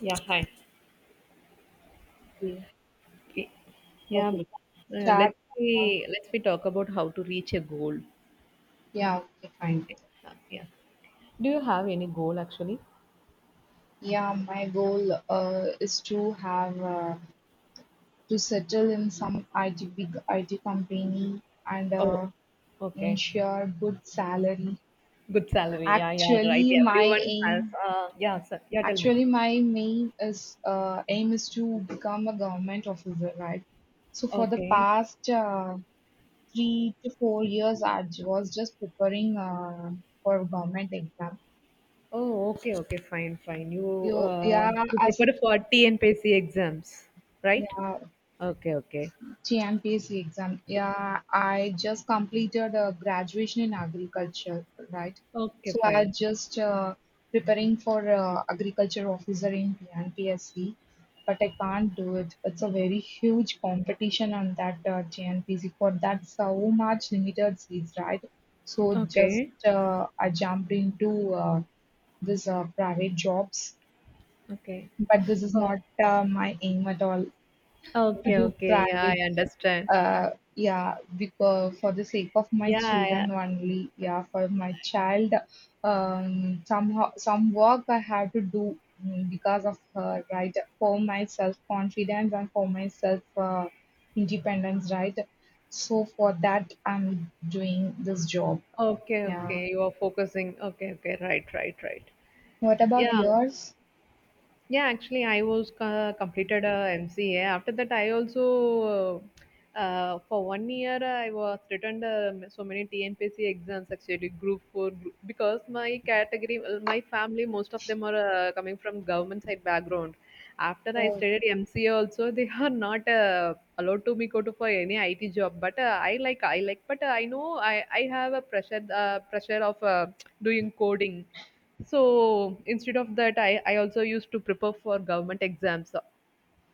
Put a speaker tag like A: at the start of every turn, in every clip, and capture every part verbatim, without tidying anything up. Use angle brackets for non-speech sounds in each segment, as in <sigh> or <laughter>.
A: Yeah, hi.
B: Okay,
A: Y- Yeah,
B: okay.
A: but uh,
B: Start.
A: let's
B: uh,
A: be let's We talk about how to reach a goal.
B: Yeah, okay, fine.
A: Uh, Yeah. Do you have any goal actually?
B: Yeah, my goal uh, is to have uh, to settle in some I T big I T company and
A: Oh,
B: uh,
A: okay.
B: ensure good salary.
A: Good salary. Yeah, yeah, right.
B: Actually, my
A: Everyone has.
B: aim,
A: Uh, yeah, sir. Yeah, tell me.
B: actually my main is uh, aim is to become a government officer, right? So for the
A: Okay.
B: past uh, three to four years, I was just preparing uh, for government exam.
A: Oh, okay, okay. Fine, fine. You
B: You,
A: uh,
B: yeah,
A: you
B: as I
A: prepare for T N P S C exams, right?
B: yeah,
A: Okay, okay.
B: G M P S C exam. Yeah, I just completed a graduation in agriculture, right?
A: Okay,
B: So I
A: fine.
B: just uh, preparing for uh, agriculture officer in G M P S C, but I can't do it. It's a very huge competition on that uh, G M P S C for that so much limited seats, right? So just
A: Okay,
B: uh, I jumped into uh, this uh, private jobs,
A: okay.
B: but this is
A: Oh,
B: not uh, my aim at all to
A: okay,
B: do
A: okay. Yeah, I
B: private.
A: understand.
B: Uh yeah, because for the sake of my
A: Yeah, yeah.
B: children only, yeah, for my child, um somehow some work I have to do, mm, because of her, right? For my self confidence and for my self uh, independence, right? So for that I'm doing this job.
A: Okay,
B: Yeah,
A: okay. You are focusing. Okay, okay. Right, right, right.
B: what about
A: Yeah.
B: yours?
A: Yeah, actually, I was uh, completed uh, M C A. After that, I also uh, for one year I was written uh, so many T N P S C exams actually, group four group, because my category, well, my family, most of them are uh, coming from government side background. After I
B: Oh,
A: studied M C A, also they <laughs> are not uh, allowed to me go to for any I T job. But uh, I like I like, but uh, I know I I have a pressure uh, pressure of uh, doing coding. So instead of that, i, I also used to prepare for government exams. So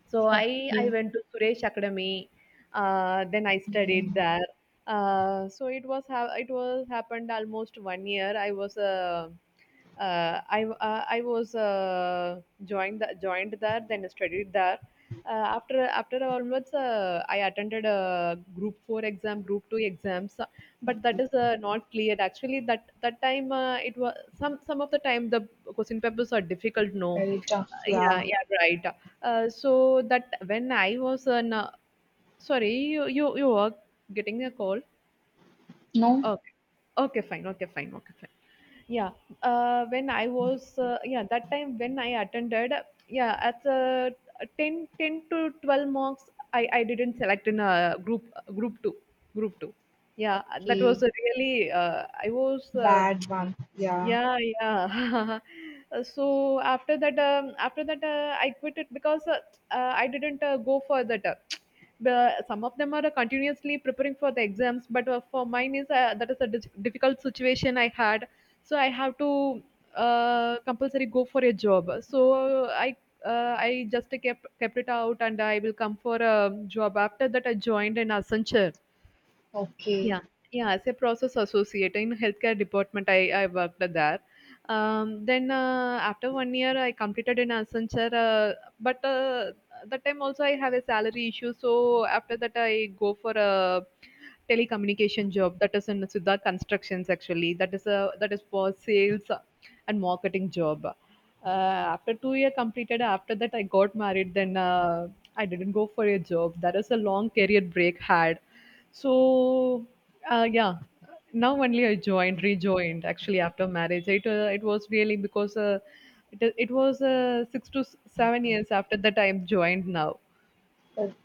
A: so i i
B: okay.
A: went to Suresh Academy. Uh, then I studied there. Uh, so it was ha- it was happened almost one year. I was uh, uh, I uh, I was uh, joined joined there, then studied there. Uh, after after onwards, uh, I attended a group four exam, group two exams, but that is uh, not clear. Actually, that that time uh, it was some some of the time the question papers are difficult, no?
B: Very
A: Uh,
B: tough,
A: yeah,
B: yeah.
A: yeah, right. Uh, so that when I was an uh, Sorry, you you you were getting a call.
B: No.
A: Okay, okay, fine, okay, fine, okay, fine. Yeah. uh, when I was uh, Yeah, that time when I attended, yeah as a 10 ten to twelve marks, i i didn't select in a group, group two, group two. Yeah, that
B: Okay.
A: was a really, uh, I was uh,
B: Bad one. Yeah.
A: yeah, yeah. <laughs> Uh, So after that, um, after that, uh, I quit it because uh, uh, I didn't uh, go for that. Uh, <tsk> the, some of them are uh, continuously preparing for the exams, but uh, for mine is uh, that is a dis- difficult situation I had. So I have to uh, compulsory go for a job. So I uh, I just kept kept it out, and I will come for a job. After that, I joined in Accenture.
B: Okay.
A: Yeah, yeah. As a process associate in healthcare department, I, I worked there. Um, then uh, after one year, I completed in Accenture. Uh, but uh, that time also I have a salary issue, so after that I go for a telecommunication job, that is in Siddharth Constructions. Actually that is a, that is for sales and marketing job. Uh, after two year completed, after that I got married. Then uh, I didn't go for a job. That is a long career break had. So uh, yeah, now only I joined, rejoined actually after marriage. It uh, it was really because uh, it it was uh, six to s- seven years after that I am joined now.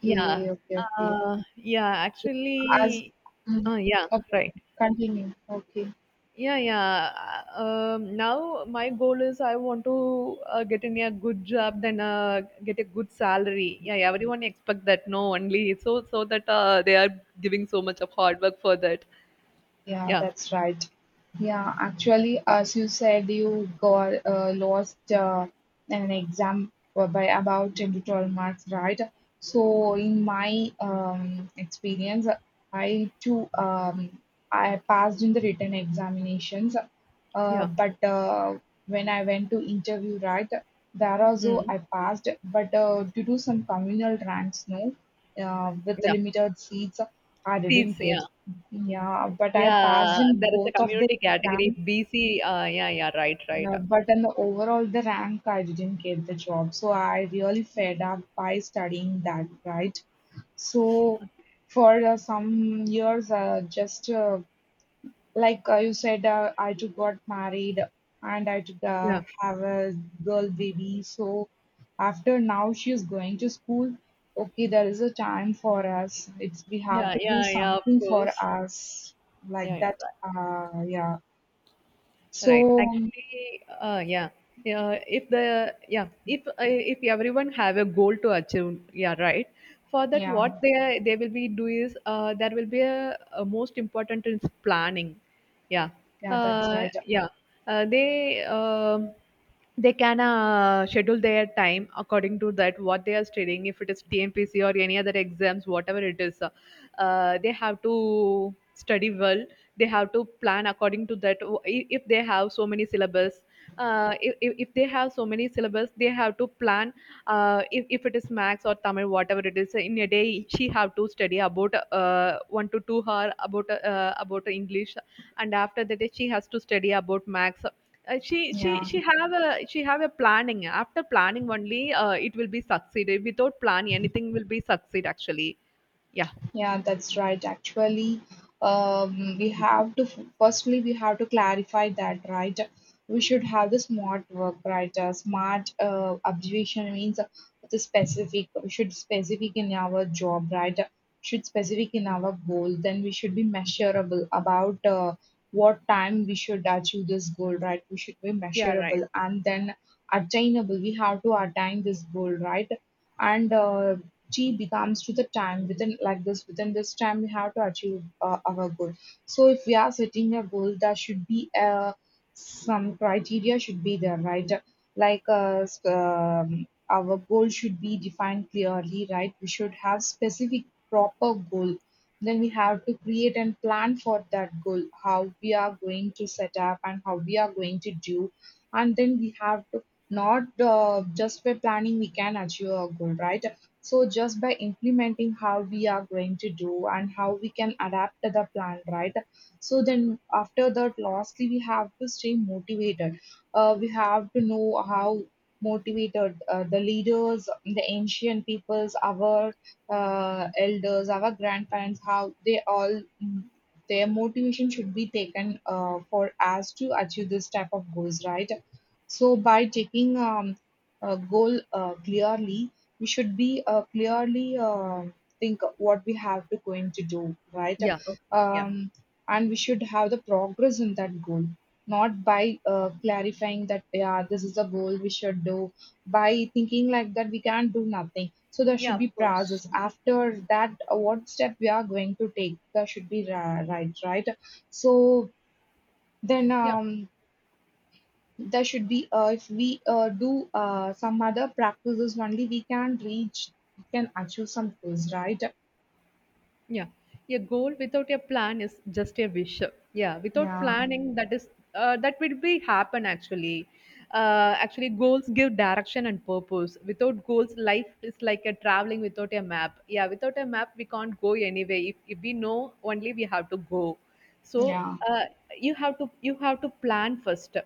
A: Yeah.
B: okay, okay.
A: Uh, yeah,
B: As
A: actually,
B: mm,
A: uh, yeah,
B: okay, okay.
A: right.
B: Continue. Okay.
A: Yeah, yeah. Uh, Um, now my goal is I want to uh, get in a good job, then uh, get a good salary. Yeah, yeah, everyone expect that, no? Only so, so that uh, they are giving so much of hard work for that.
B: Yeah,
A: Yeah,
B: that's right. Yeah, actually, as you said, you got uh, lost uh, an exam for- by about ten to twelve marks, right? So, in my um, experience, I too um, I passed in the written examinations, uh,
A: yeah,
B: but uh, when I went to interview, right, there also
A: mm,
B: I passed, but uh, due to some communal ranks, no, uh, with the
A: yeah.
B: limited seats, I
A: Seats,
B: didn't
A: yeah,
B: get. Yeah, but I
A: yeah.
B: passed in
A: There is a
B: both of the
A: community category
B: exams.
A: B C. Uh, yeah, yeah, right, right.
B: Yeah, but in the overall the rank I didn't get the job. So I really fed up by studying that, right? So for uh, some years, uh, just uh, like uh, you said, uh, I too got married and I too uh,
A: Yeah,
B: have a girl baby. So after now she is going to school. Okay, there is a time for us. It's we have
A: yeah,
B: to do
A: yeah, yeah. Of
B: something for
A: course.
B: us like
A: Yeah, yeah,
B: that.
A: right.
B: Uh, yeah.
A: Right.
B: So
A: Actually, uh, yeah. Yeah, if the yeah, if uh, if everyone have a goal to achieve, yeah, right. For that,
B: yeah,
A: what they they will be do is uh, there will be a, a most important is planning. Yeah,
B: yeah, that's
A: uh,
B: right.
A: yeah. Uh, they um, they can uh, schedule their time according to that what they are studying. If it is T N P C or any other exams, whatever it is, uh, uh, they have to study well. They have to plan according to that. O- i- if they have so many syllabus, uh, if, if if they have so many syllabus they have to plan. Uh, if, if it is max or tamil whatever it is, in a day she have to study about uh, one to two hour about uh, about english, and after that she has to study about max. Uh, she she
B: Yeah.
A: she have a she have a planning. After planning only uh, it will be succeed. Without plan anything will be succeed actually. Yeah.
B: Yeah, that's right. Actually, um, we have to firstly we have to clarify that, right? We should have the smart work, right? Uh, smart uh, observation means the specific. We should specific in our job, right? Should specific in our goal. Then we should be measurable about uh, what time we should achieve this goal, right? We should be
A: Yeah, right.
B: measurable and then attainable. We have to attain this goal, right? and uh, T becomes to the time, within like this, within this time we have to achieve uh, our goal. So if we are setting a goal, there should be uh, some criteria should be there, right? Like uh, s- um, our goal should be defined clearly, right? We should have specific proper goal. Then we have to create and plan for that goal, how we are going to set up and how we are going to do, and then we have to not uh, just by planning we can achieve our goal, right? So just by implementing how we are going to do and how we can adapt to the plan, right? So then after that, lastly, we have to stay motivated. Uh, we have to know how motivated uh, the leaders, the ancient peoples, our uh, elders, our grandparents, how they all mm, their motivation should be taken uh, for us to achieve this type of goals, right? So by taking, um, a goal uh, clearly, we should be uh, clearly uh, think what we have to going to do, right?
A: Yeah, okay. Yeah.
B: um, and we should have the progress in that goal, not by uh, clarifying that, yeah, this is the goal we should do. By thinking like that, we can't do nothing, so there should
A: Yeah,
B: be
A: of course.
B: process after that. Uh, what step we are going to take, there should be ri- right right So then,
A: Yeah.
B: um, there should be uh, if we uh, do uh, some other practices only we can reach, we can achieve some goals, right?
A: Yeah. A goal without a plan is just a wish. Yeah. Without
B: Yeah.
A: planning, that is uh, that will be happen actually. Uh, actually, goals give direction and purpose. Without goals, life is like a traveling without a map. Yeah, without a map, we can't go anywhere. If, if we know only, we have to go. So
B: Yeah.
A: uh, you have to you have to plan first.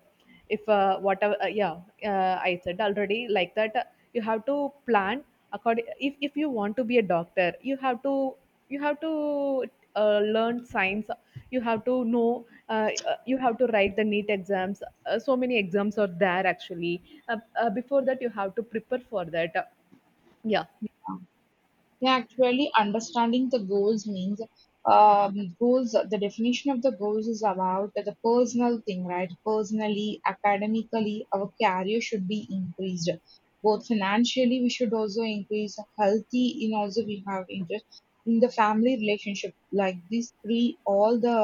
A: If uh, whatever, uh, yeah, uh, I said already like that. uh, You have to plan according. If, if you want to be a doctor you have to you have to uh, learn science. You have to know uh, uh, you have to write the neat exams. Uh, so many exams are there actually. Uh, uh, before that you have to prepare for that. Uh, yeah,
B: Yeah, actually understanding the goals means, um, goals, the definition of the goals, is about the personal thing, right? Personally, academically, our career should be increased. Both financially we should also increase, healthy in also we have interest in the family relationship, like these three all the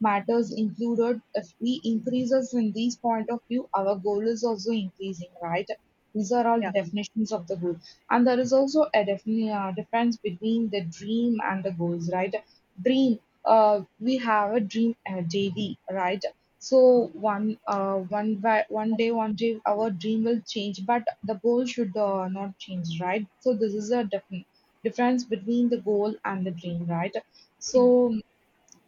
B: matters included. If we increases in these point of view, our goal is also increasing, right? These are all the
A: yeah,
B: definitions of the goal. And there is also a defini- uh, difference between the dream and the goals, right? Dream, uh, we have a dream uh, daily, right? So one, uh, one, by, one day, one day, our dream will change, but the goal should uh, not change, right? So this is a different difference between the goal and the dream, right? So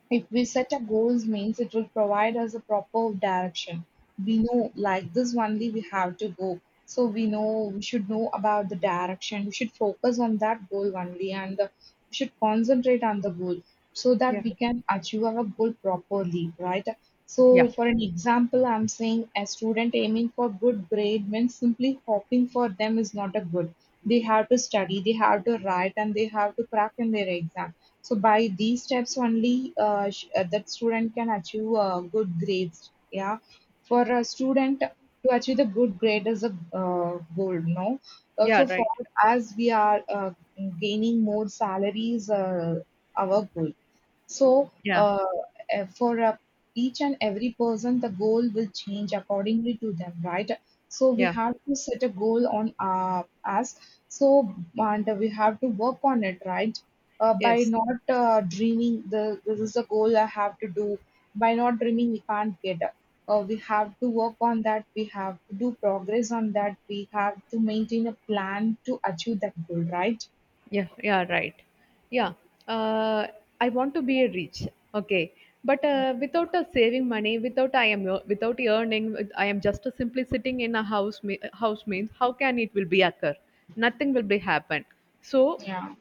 B: if we set a goals means, it will provide us a proper direction. We know like this only we have to go. So we know, we should know about the direction. We should focus on that goal only, and the, we should concentrate on the goal so that
A: yeah,
B: we
A: yeah,
B: can achieve our goal properly, right?
A: yeah,
B: So for an example, I'm saying a student aiming for good grade means simply hoping for them is not a good. They have to study, they have to write, and they have to crack in their exam, so by these steps only, uh, sh- uh, that student can achieve uh, good grades. Yeah, for a student to achieve the good grade is a uh, goal. No, uh,
A: yeah,
B: so for
A: right,
B: as we are uh, gaining more salaries, uh, our goal. So,
A: yeah,
B: uh, eh, for uh, each and every person, the goal will change accordingly to them, right? So we
A: yeah,
B: have to set a goal on uh, us. So and we have to work on it, right? Uh, by
A: yes.
B: not uh, dreaming, the this is the goal I have to do. By not dreaming, we can't get up. Uh, we have to work on that. We have to do progress on that. We have to maintain a plan to achieve that goal, right?
A: Yeah, yeah, right. Yeah, uh, I want to be a rich. Okay, but uh, without uh, saving money, without I am ear- without earning, with- I am just simply sitting in a house. me- House means how can it will be occur? Nothing will be happen. So
B: Yeah.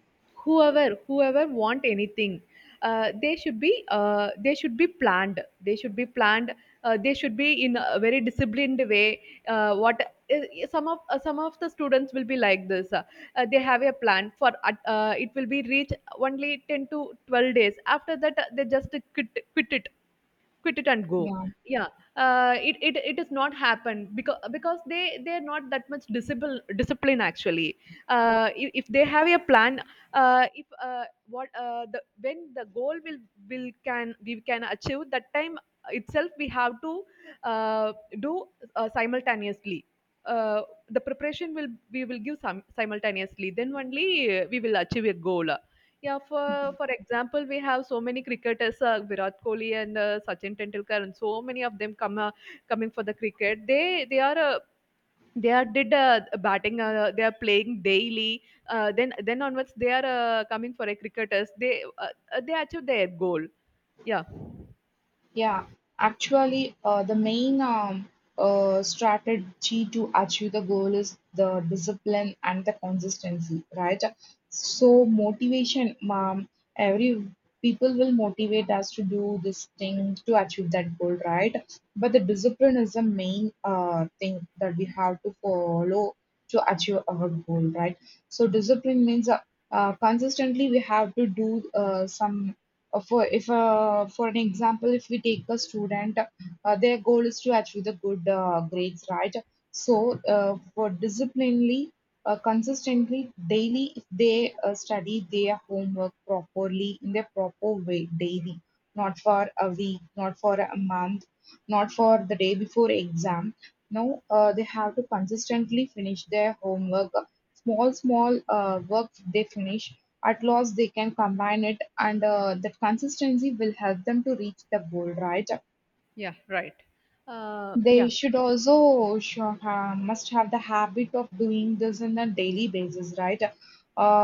A: whoever whoever want anything, uh, they should be uh, they should be planned they should be planned, uh, they should be in a very disciplined way. Uh, what I- some of uh, Some of the students will be like this. Uh, uh, they have a plan for uh, uh, it will be reached only ten to twelve days. After that uh, they just quit quit it quit it and go.
B: Yeah.
A: Yeah. Uh, it, it it is not happened because because they they're not that much discipline discipline actually. Uh, if, if they have a plan, uh, if uh, what uh, the when the goal will will can we can achieve, that time itself we have to uh, do uh, simultaneously. uh, the preparation will, we will give some simultaneously, then only uh, we will achieve a goal. Yeah, for for example we have so many cricketers, uh, Virat Kohli and uh, Sachin Tendulkar, and so many of them come uh, coming for the cricket. They they are uh, they are did uh, batting, uh, they are playing daily. Uh, then then onwards they are uh, coming for a cricketers. they uh, uh, they achieve their goal. Yeah,
B: Yeah, actually, uh, the main um, uh, strategy to achieve the goal is the discipline and the consistency, right? So motivation, mom, every people will motivate us to do this thing to achieve that goal, right? But the discipline is the main uh, thing that we have to follow to achieve our goal, right? So discipline means uh, uh, consistently we have to do uh, some uh, For if uh, for an example, if we take a student, uh, their goal is to achieve the good uh, grades, right? So uh, for disciplinely, uh, consistently daily, if they uh, study their homework properly in their proper way daily, not for a week, not for a month, not for the day before exam, no, uh, they have to consistently finish their homework. Small small uh, work they finish, at last they can combine it, and uh, that consistency will help them to reach the goal, right?
A: yeah, right, uh,
B: They
A: yeah,
B: should also sure, ha- must have the habit of doing this on a daily basis, right?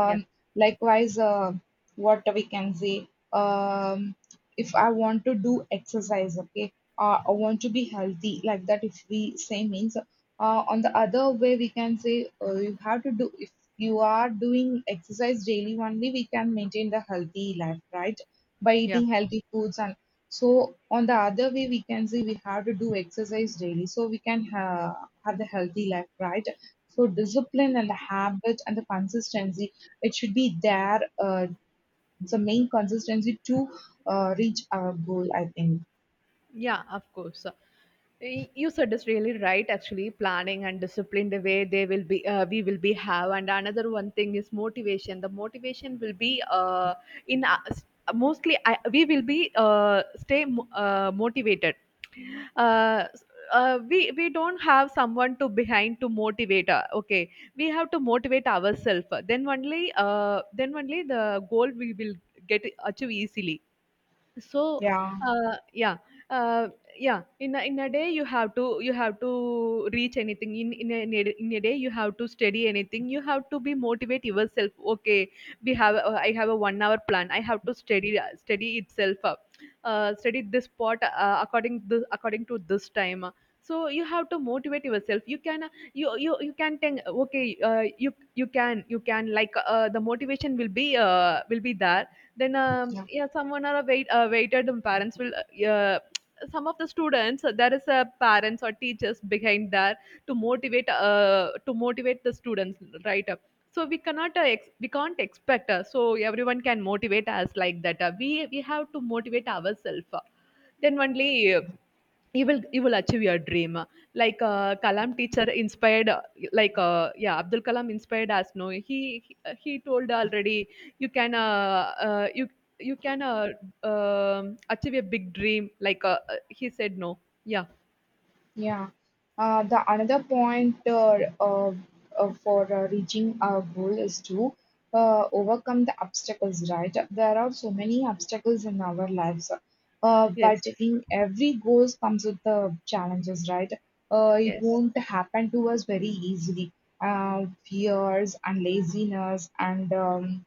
A: yeah,
B: Likewise, uh, what we can say, um, if I want to do exercise, okay, uh, I want to be healthy, like that. If we say means, uh, on the other way, we can say, uh, you have to do. If you are doing exercise daily only, we can maintain the healthy life, right? By
A: yeah.
B: eating healthy foods and so on the other way, we can see we have to do exercise daily so we can ha- have the healthy life, right? So discipline and the habit and the consistency, it should be there. Uh, the main consistency to uh, reach our goal, I think.
A: Yeah, of course. So, Y- You said this really right. Actually, planning and discipline, the way they will be, uh, we will be have. And another one thing is motivation. The motivation will be uh, in uh, s- mostly I, we will be uh, stay mo- uh, motivated. Uh, s- uh, we we don't have someone to behind to motivate. Uh, okay, we have to motivate ourselves. Then only uh, then only the goal we will get, achieve easily. so
B: Yeah.
A: uh, yeah. uh, yeah, in a, in a day you have to you have to reach anything. In in a, in a in a day you have to study anything. You have to be motivate yourself. Okay, we have, uh, I have a one hour plan. I have to study, study itself up. Uh, study this part uh, according this according to this time. So you have to motivate yourself. You can uh, you you, you can think okay. Uh, you you can you can like uh, the motivation will be, uh, will be there. Then um,
B: Yeah.
A: Yeah, someone or a wait uh, waited, um, parents will uh, yeah, some of the students, uh, there is a parents or teachers behind that to motivate, uh, to motivate the students, right up. So we cannot uh, ex- we can't expect uh, so everyone can motivate us like that. Uh, we we have to motivate ourselves, uh, then only you will you will achieve your dream. Like uh, Kalam teacher inspired, uh, like uh, yeah, Abdul Kalam inspired us, no? he he, he told already, you can uh, uh, you you can uh, um achieve a big dream. Like uh, uh, he said, no? Yeah,
B: Yeah. Uh, the another point, uh, uh, uh, for uh, reaching our goal is to uh, overcome the obstacles, right? There are so many obstacles in our lives, uh, but
A: yes,
B: in every goal comes with the challenges, right? Uh, it
A: yes,
B: won't happen to us very easily. Uh, fears and laziness and um,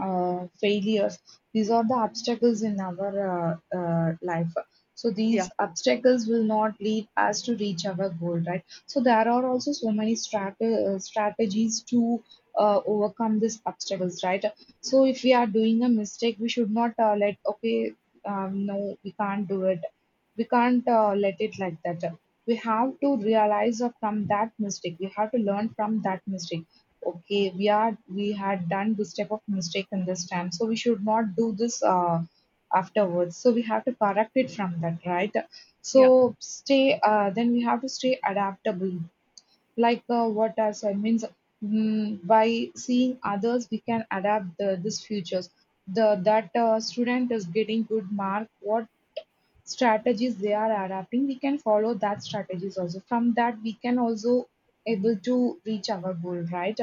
B: uh, failures. These are the obstacles in our uh, uh, life. So these
A: yeah,
B: obstacles will not lead us to reach our goal, right? So there are also so many strat- uh, strategies to uh, overcome these obstacles, right? So if we are doing a mistake, we should not uh, let, okay, um, no, we can't do it. We can't uh, let it like that. We have to realize uh, from that mistake. We have to learn from that mistake. Okay we are we had done this type of mistake in this time, so we should not do this uh, afterwards. So we have to correct it from that, right? So
A: yeah,
B: stay uh, then we have to stay adaptable, like uh, what I said means, mm, by seeing others we can adapt the, this futures. The that uh, student is getting good mark. What strategies they are adapting, we can follow that strategies also. From that, we can also able to reach our goal, right?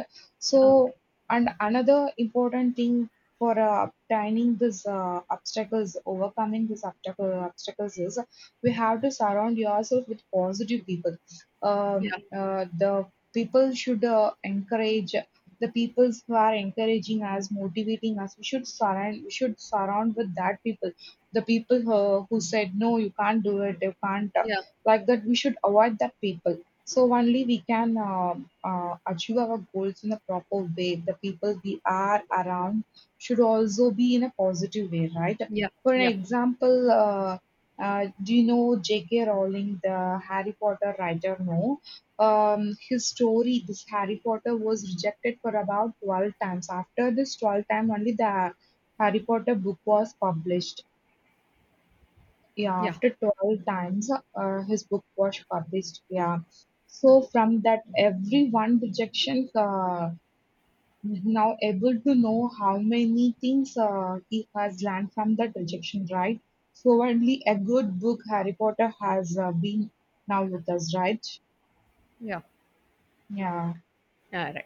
A: okay,
B: So, and another important thing for uh, obtaining this uh, obstacles, overcoming this obstacle obstacles is we have to surround yourself with positive people. Um,
A: yeah,
B: uh, the people should uh, encourage, the people who are encouraging us, motivating us. We should surround we should surround with that people, the people who, who said no, you can't do it, you can't uh,
A: yeah,
B: like that. We should avoid that people, so only we can uh, uh, achieve our goals in a proper way. The people we are around should also be in a positive way, right?
A: yeah,
B: For an
A: yeah,
B: example, uh, uh, do you know J K. Rowling, the Harry Potter writer? No, um, his story, this Harry Potter, was rejected for about twelve times. After this twelve time, only the Harry Potter book was published. Yeah,
A: yeah,
B: after twelve times uh, his book was published. Yeah, so from that every one rejection, uh, now able to know how many things uh, he has learned from that rejection, right? So only a good book, Harry Potter, has uh, been now with us, right?
A: yeah.
B: Yeah.
A: Yeah, right.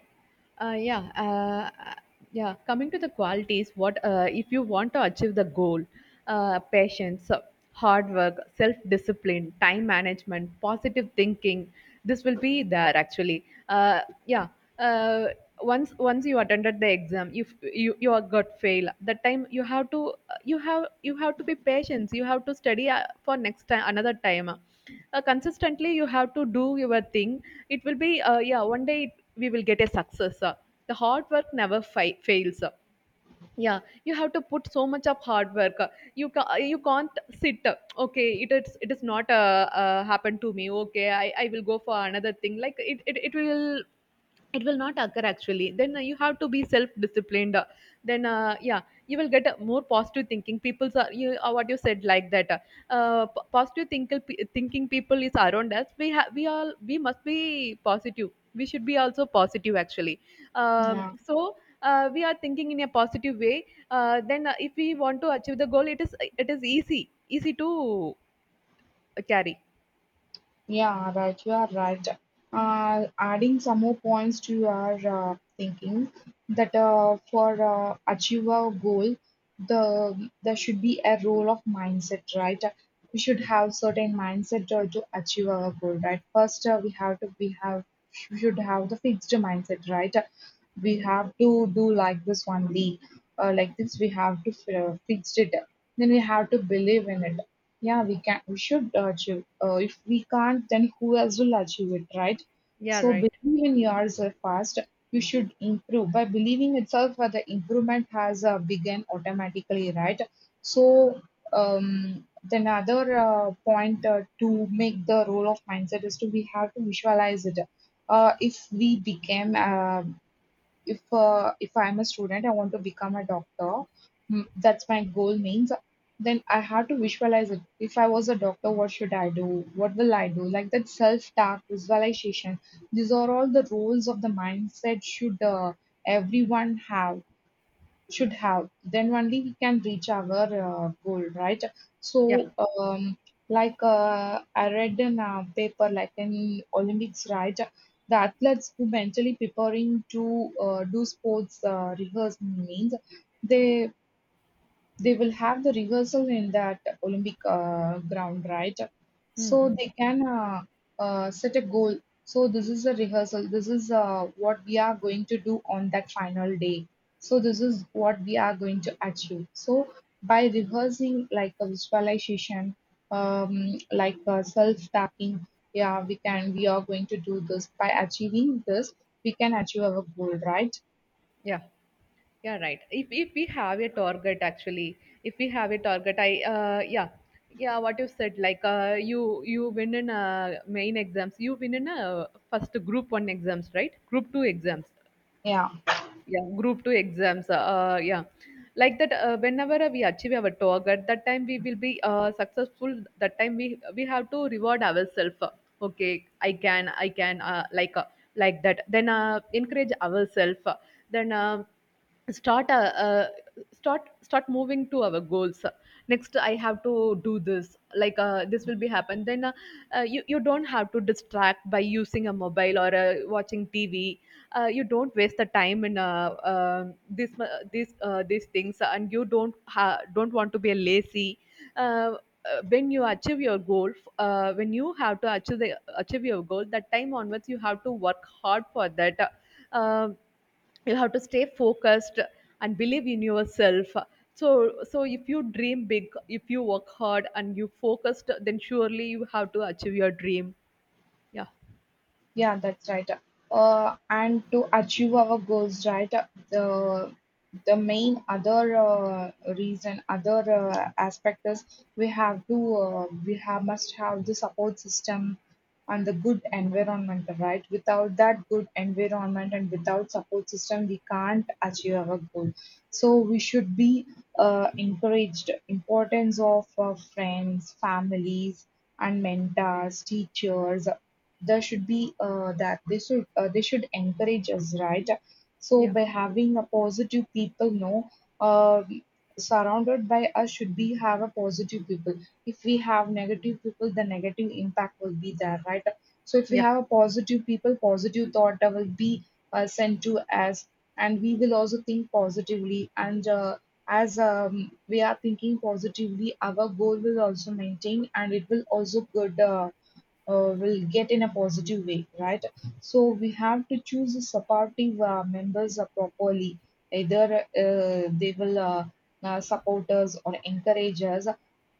A: Uh, yeah, uh, uh, yeah, coming to the qualities, what uh, if you want to achieve the goal? Uh, patience, uh, hard work, self-discipline, time management, positive thinking. This will be there actually. Uh, yeah uh, once once you attended the exam, if you you are got fail, that time you have to you have you have to be patient. You have to study uh, for next time, another time, uh, consistently you have to do your thing. It will be uh, yeah one day, it, we will get a success uh. The hard work never fi- fails uh. yeah you have to put so much of hard work uh. You ca- you can't sit uh, okay, it is it is not uh, uh, happened to me. Okay, I, I will go for another thing, like it, it, it will it will not occur actually. Then uh, you have to be self disciplined, uh, then uh, yeah you will get a more positive thinking people are you, uh, what you said, like that uh, uh, p- positive thinking thinking people is around us. We have, we all we must be positive. We should be also positive actually. um,
B: Yeah.
A: so uh, we are thinking in a positive way. Uh, then uh, if we want to achieve the goal, it is it is easy, easy to carry.
B: Yeah, right. You are right. Uh, adding some more points to your uh, thinking, that uh, for uh, achieve a goal, the there should be a role of mindset, right? We should have certain mindset to, to achieve our goal, right? First, uh, we have to we have we should have the fixed mindset, right? We have to do like this only, uh, like this. We have to uh, fix it. Then we have to believe in it. Yeah, we can. We should achieve. Uh, if we can't, then who else will achieve it, right?
A: Yeah,
B: So believe
A: right.
B: in yourself first. You should improve by believing itself. uh, The improvement has uh, begun automatically, right? So, um, then another uh, point uh, to make the role of mindset is to we have to visualize it. Uh, if we became uh, if uh, if I'm a student, I want to become a doctor. Mm, that's my goal means, then I have to visualize it. If I was a doctor, what should I do, what will I do, like that. Self talk, visualization, these are all the roles of the mindset should uh, everyone have should have. Then only we can reach our uh, goal, right?
A: Yeah.
B: So, um, like uh, I read in a paper, like in Olympics, right? The athletes who mentally preparing to uh, do sports uh, rehearse means, they they will have the rehearsal in that Olympic uh, ground, right?
A: Mm
B: So they
A: mm.
B: can uh, uh, set a goal. So this is the rehearsal. This is uh, what we are going to do on that final day. So this is what we are going to achieve. So by rehearsing, like a visualization, um, like uh, self-tapping, yeah, we can. We are going to do this by achieving this. We can achieve our goal, right?
A: Yeah. Yeah, right. If if we have a target actually, if we have a target, I uh, yeah, yeah. what you said, like uh, you you win in uh, main exams, you win in uh, first group one exams, right? Group two exams,
B: Yeah.
A: yeah, group two exams, uh uh, yeah, like that uh, whenever we achieve our target, that time we will be uh, successful. That time we we have to reward ourselves. Okay, i can I can uh, like uh, like that. Then uh, encourage ourselves, then uh, start uh, uh, start start moving to our goals. Next I have to do this, like uh, this will be happen. Then uh, uh, you you don't have to distract by using a mobile or uh, watching tv. Uh, you don't waste the time in uh, uh, this uh, this uh, these things, and you don't ha- don't want to be a lazy. uh, uh, when you achieve your goal, uh, when you have to achieve the, achieve your goal, that time onwards you have to work hard for that. Um you have to stay focused and believe in yourself. So so if you dream big, if you work hard and you focused, then surely you have to achieve your dream. Yeah,
B: Yeah, that's right. Uh, and to achieve our goals, right, the the main other uh, reason, other uh, aspect is we have to uh, we have must have the support system and the good environment, right? Without that good environment and without support system, we can't achieve our goal. So we should be uh, encouraged importance of uh, friends, families, and mentors, teachers. There should be uh, that they should uh, they should encourage us, right? So
A: yeah,
B: by having a positive people, no, uh, surrounded by us should be have a positive people. If we have negative people, the negative impact will be there, right? So if we
A: yeah,
B: have a positive people, positive thought, that will be uh, sent to us, and we will also think positively and, uh, as um, we are thinking positively, our goal will also maintain and it will also good, uh, uh, will get in a positive way, right? So we have to choose the supportive uh, members uh, properly. Either uh, they will uh, uh, support us or encourage us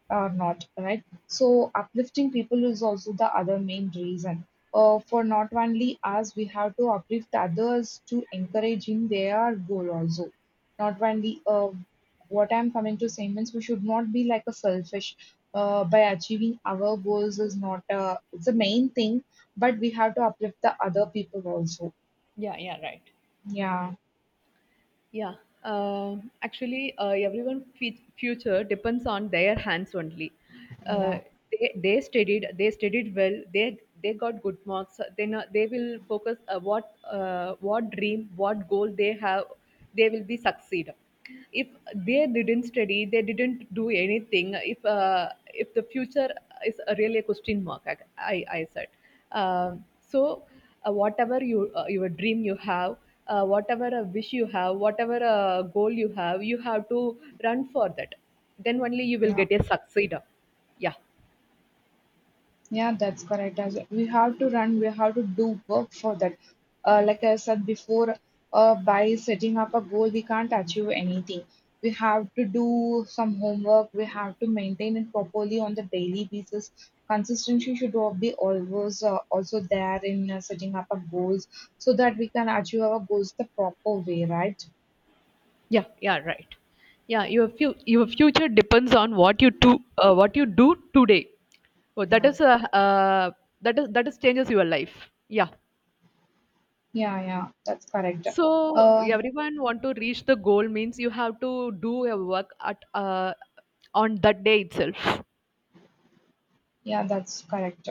B: or not, right? So uplifting people is also the other main reason. Uh, for not only us, we have to uplift others to encourage in their goal also. Not only uh, what I'm coming to say means, we should not be like a selfish. Uh, by achieving our goals is not uh. It's the main thing, but we have to uplift the other people also.
A: yeah, yeah, right.
B: Yeah,
A: Yeah, uh, actually, uh, everyone's fe- future depends on their hands only. Uh,
B: yeah,
A: they, they studied, they studied well. They they got good marks. They know, they will focus uh, what uh, what dream, what goal they have. They will be succeed. If they didn't study, they didn't do anything. If uh, if the future is really a question mark, I I I said. Um so uh, whatever you uh, your dream you have, uh, whatever a wish you have, whatever a goal you have, you have to run for that. Then only you will
B: yeah,
A: get a succeeder. Yeah.
B: yeah. That's correct. As well, we have to run, we have to do work for that. Uh, like I said before, uh, by setting up a goal, we can't achieve anything. We have to do some homework. We have to maintain it properly on the daily basis. Consistency should al- be always uh, also there in uh, setting up our goals, so that we can achieve our goals the proper way, right?
A: Yeah, yeah, right. Yeah, your fu- your future depends on what you do, uh, what you do today. Oh, that is a uh, that is that is changes your life. Yeah.
B: Yeah, yeah, that's correct.
A: So
B: Uh,
A: everyone want to reach the goal means you have to do your work at uh, on that day itself.
B: yeah, that's correct.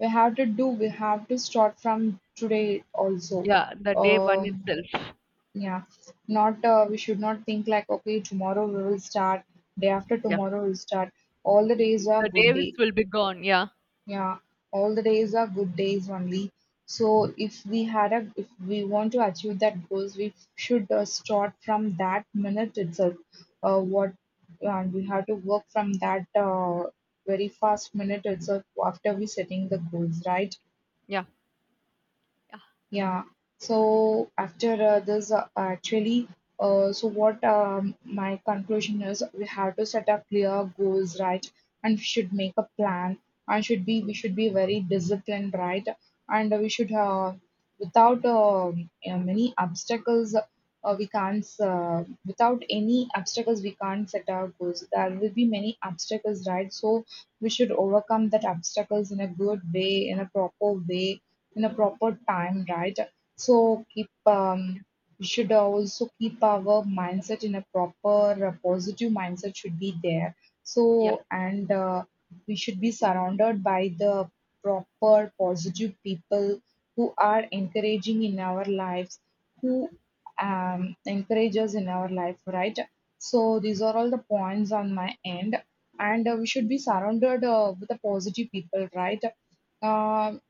B: We have to do, we have to start from today also.
A: Yeah, the day one
B: Um,
A: itself.
B: yeah, not, uh, we should not think like, okay, tomorrow we will start, day after
A: Yeah.
B: tomorrow we'll start. All the days are
A: The
B: good
A: Davis
B: day.
A: will be gone. Yeah.
B: Yeah, all the days are good days only. So if we had a, if we want to achieve that goals, we should uh, start from that minute itself. Uh, what and we have to work from that uh, very fast minute itself after we setting the goals, right?
A: Yeah. Yeah.
B: Yeah. So after uh, this, uh, actually, uh, so what um, my conclusion is, we have to set up clear goals, right? And we should make a plan, and should be we should be very disciplined, right? And we should uh, without um uh, many obstacles, uh, we can't uh, without any obstacles we can't set our goals. There will be many obstacles, right? So we should overcome that obstacles in a good way, in a proper way, in a proper time, right? So keep um, we should also keep our mindset in a proper uh, positive mindset should be there.
A: Yeah.
B: So and uh, we should be surrounded by the proper positive people who are encouraging in our lives, who um, encourage us in our life, right? So these are all the points on my end, and uh, we should be surrounded uh, with the positive people, right? Um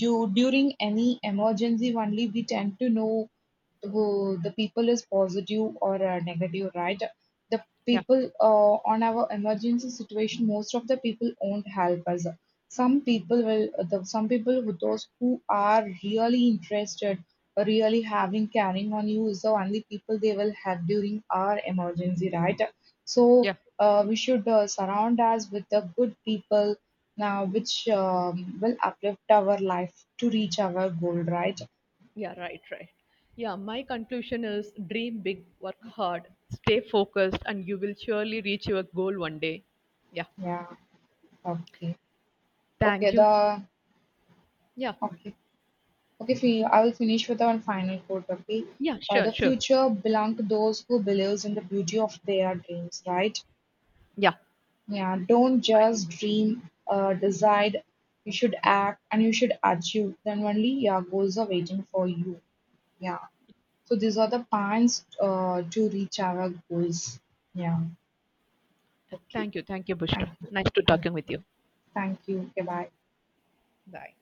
B: du- during any emergency only we tend to know who the people is positive or uh, negative, right? The
A: Yeah.
B: people uh, on our emergency situation, most of the people won't help us. Some people will, the, some people who those who are really interested, really having caring on you is the only people they will help during our emergency, right? So
A: Yeah.
B: uh, we should uh, surround us with the good people now, which um, will uplift our life to reach our goal, right?
A: Yeah. Right. Right. Yeah. My conclusion is dream big, work hard, stay focused, and you will surely reach your goal one day. Yeah.
B: Yeah. Okay. okay
A: Thank
B: the
A: you. Yeah.
B: Okay. Okay fi- I will finish with one final quote. Okay,
A: Yeah.
B: uh,
A: Sure.
B: the
A: Sure.
B: future belongs to those who believes in the beauty of their dreams, right?
A: Yeah.
B: Yeah, don't just dream, uh, decide. You should act and you should achieve, then only your goals are waiting for you. Yeah, so these are the plans uh, to reach our goals. Yeah. Okay.
A: Thank you. Thank you, Bushra.
B: Thank you.
A: Nice to talking with you.
B: Thank you. Goodbye.
A: Bye.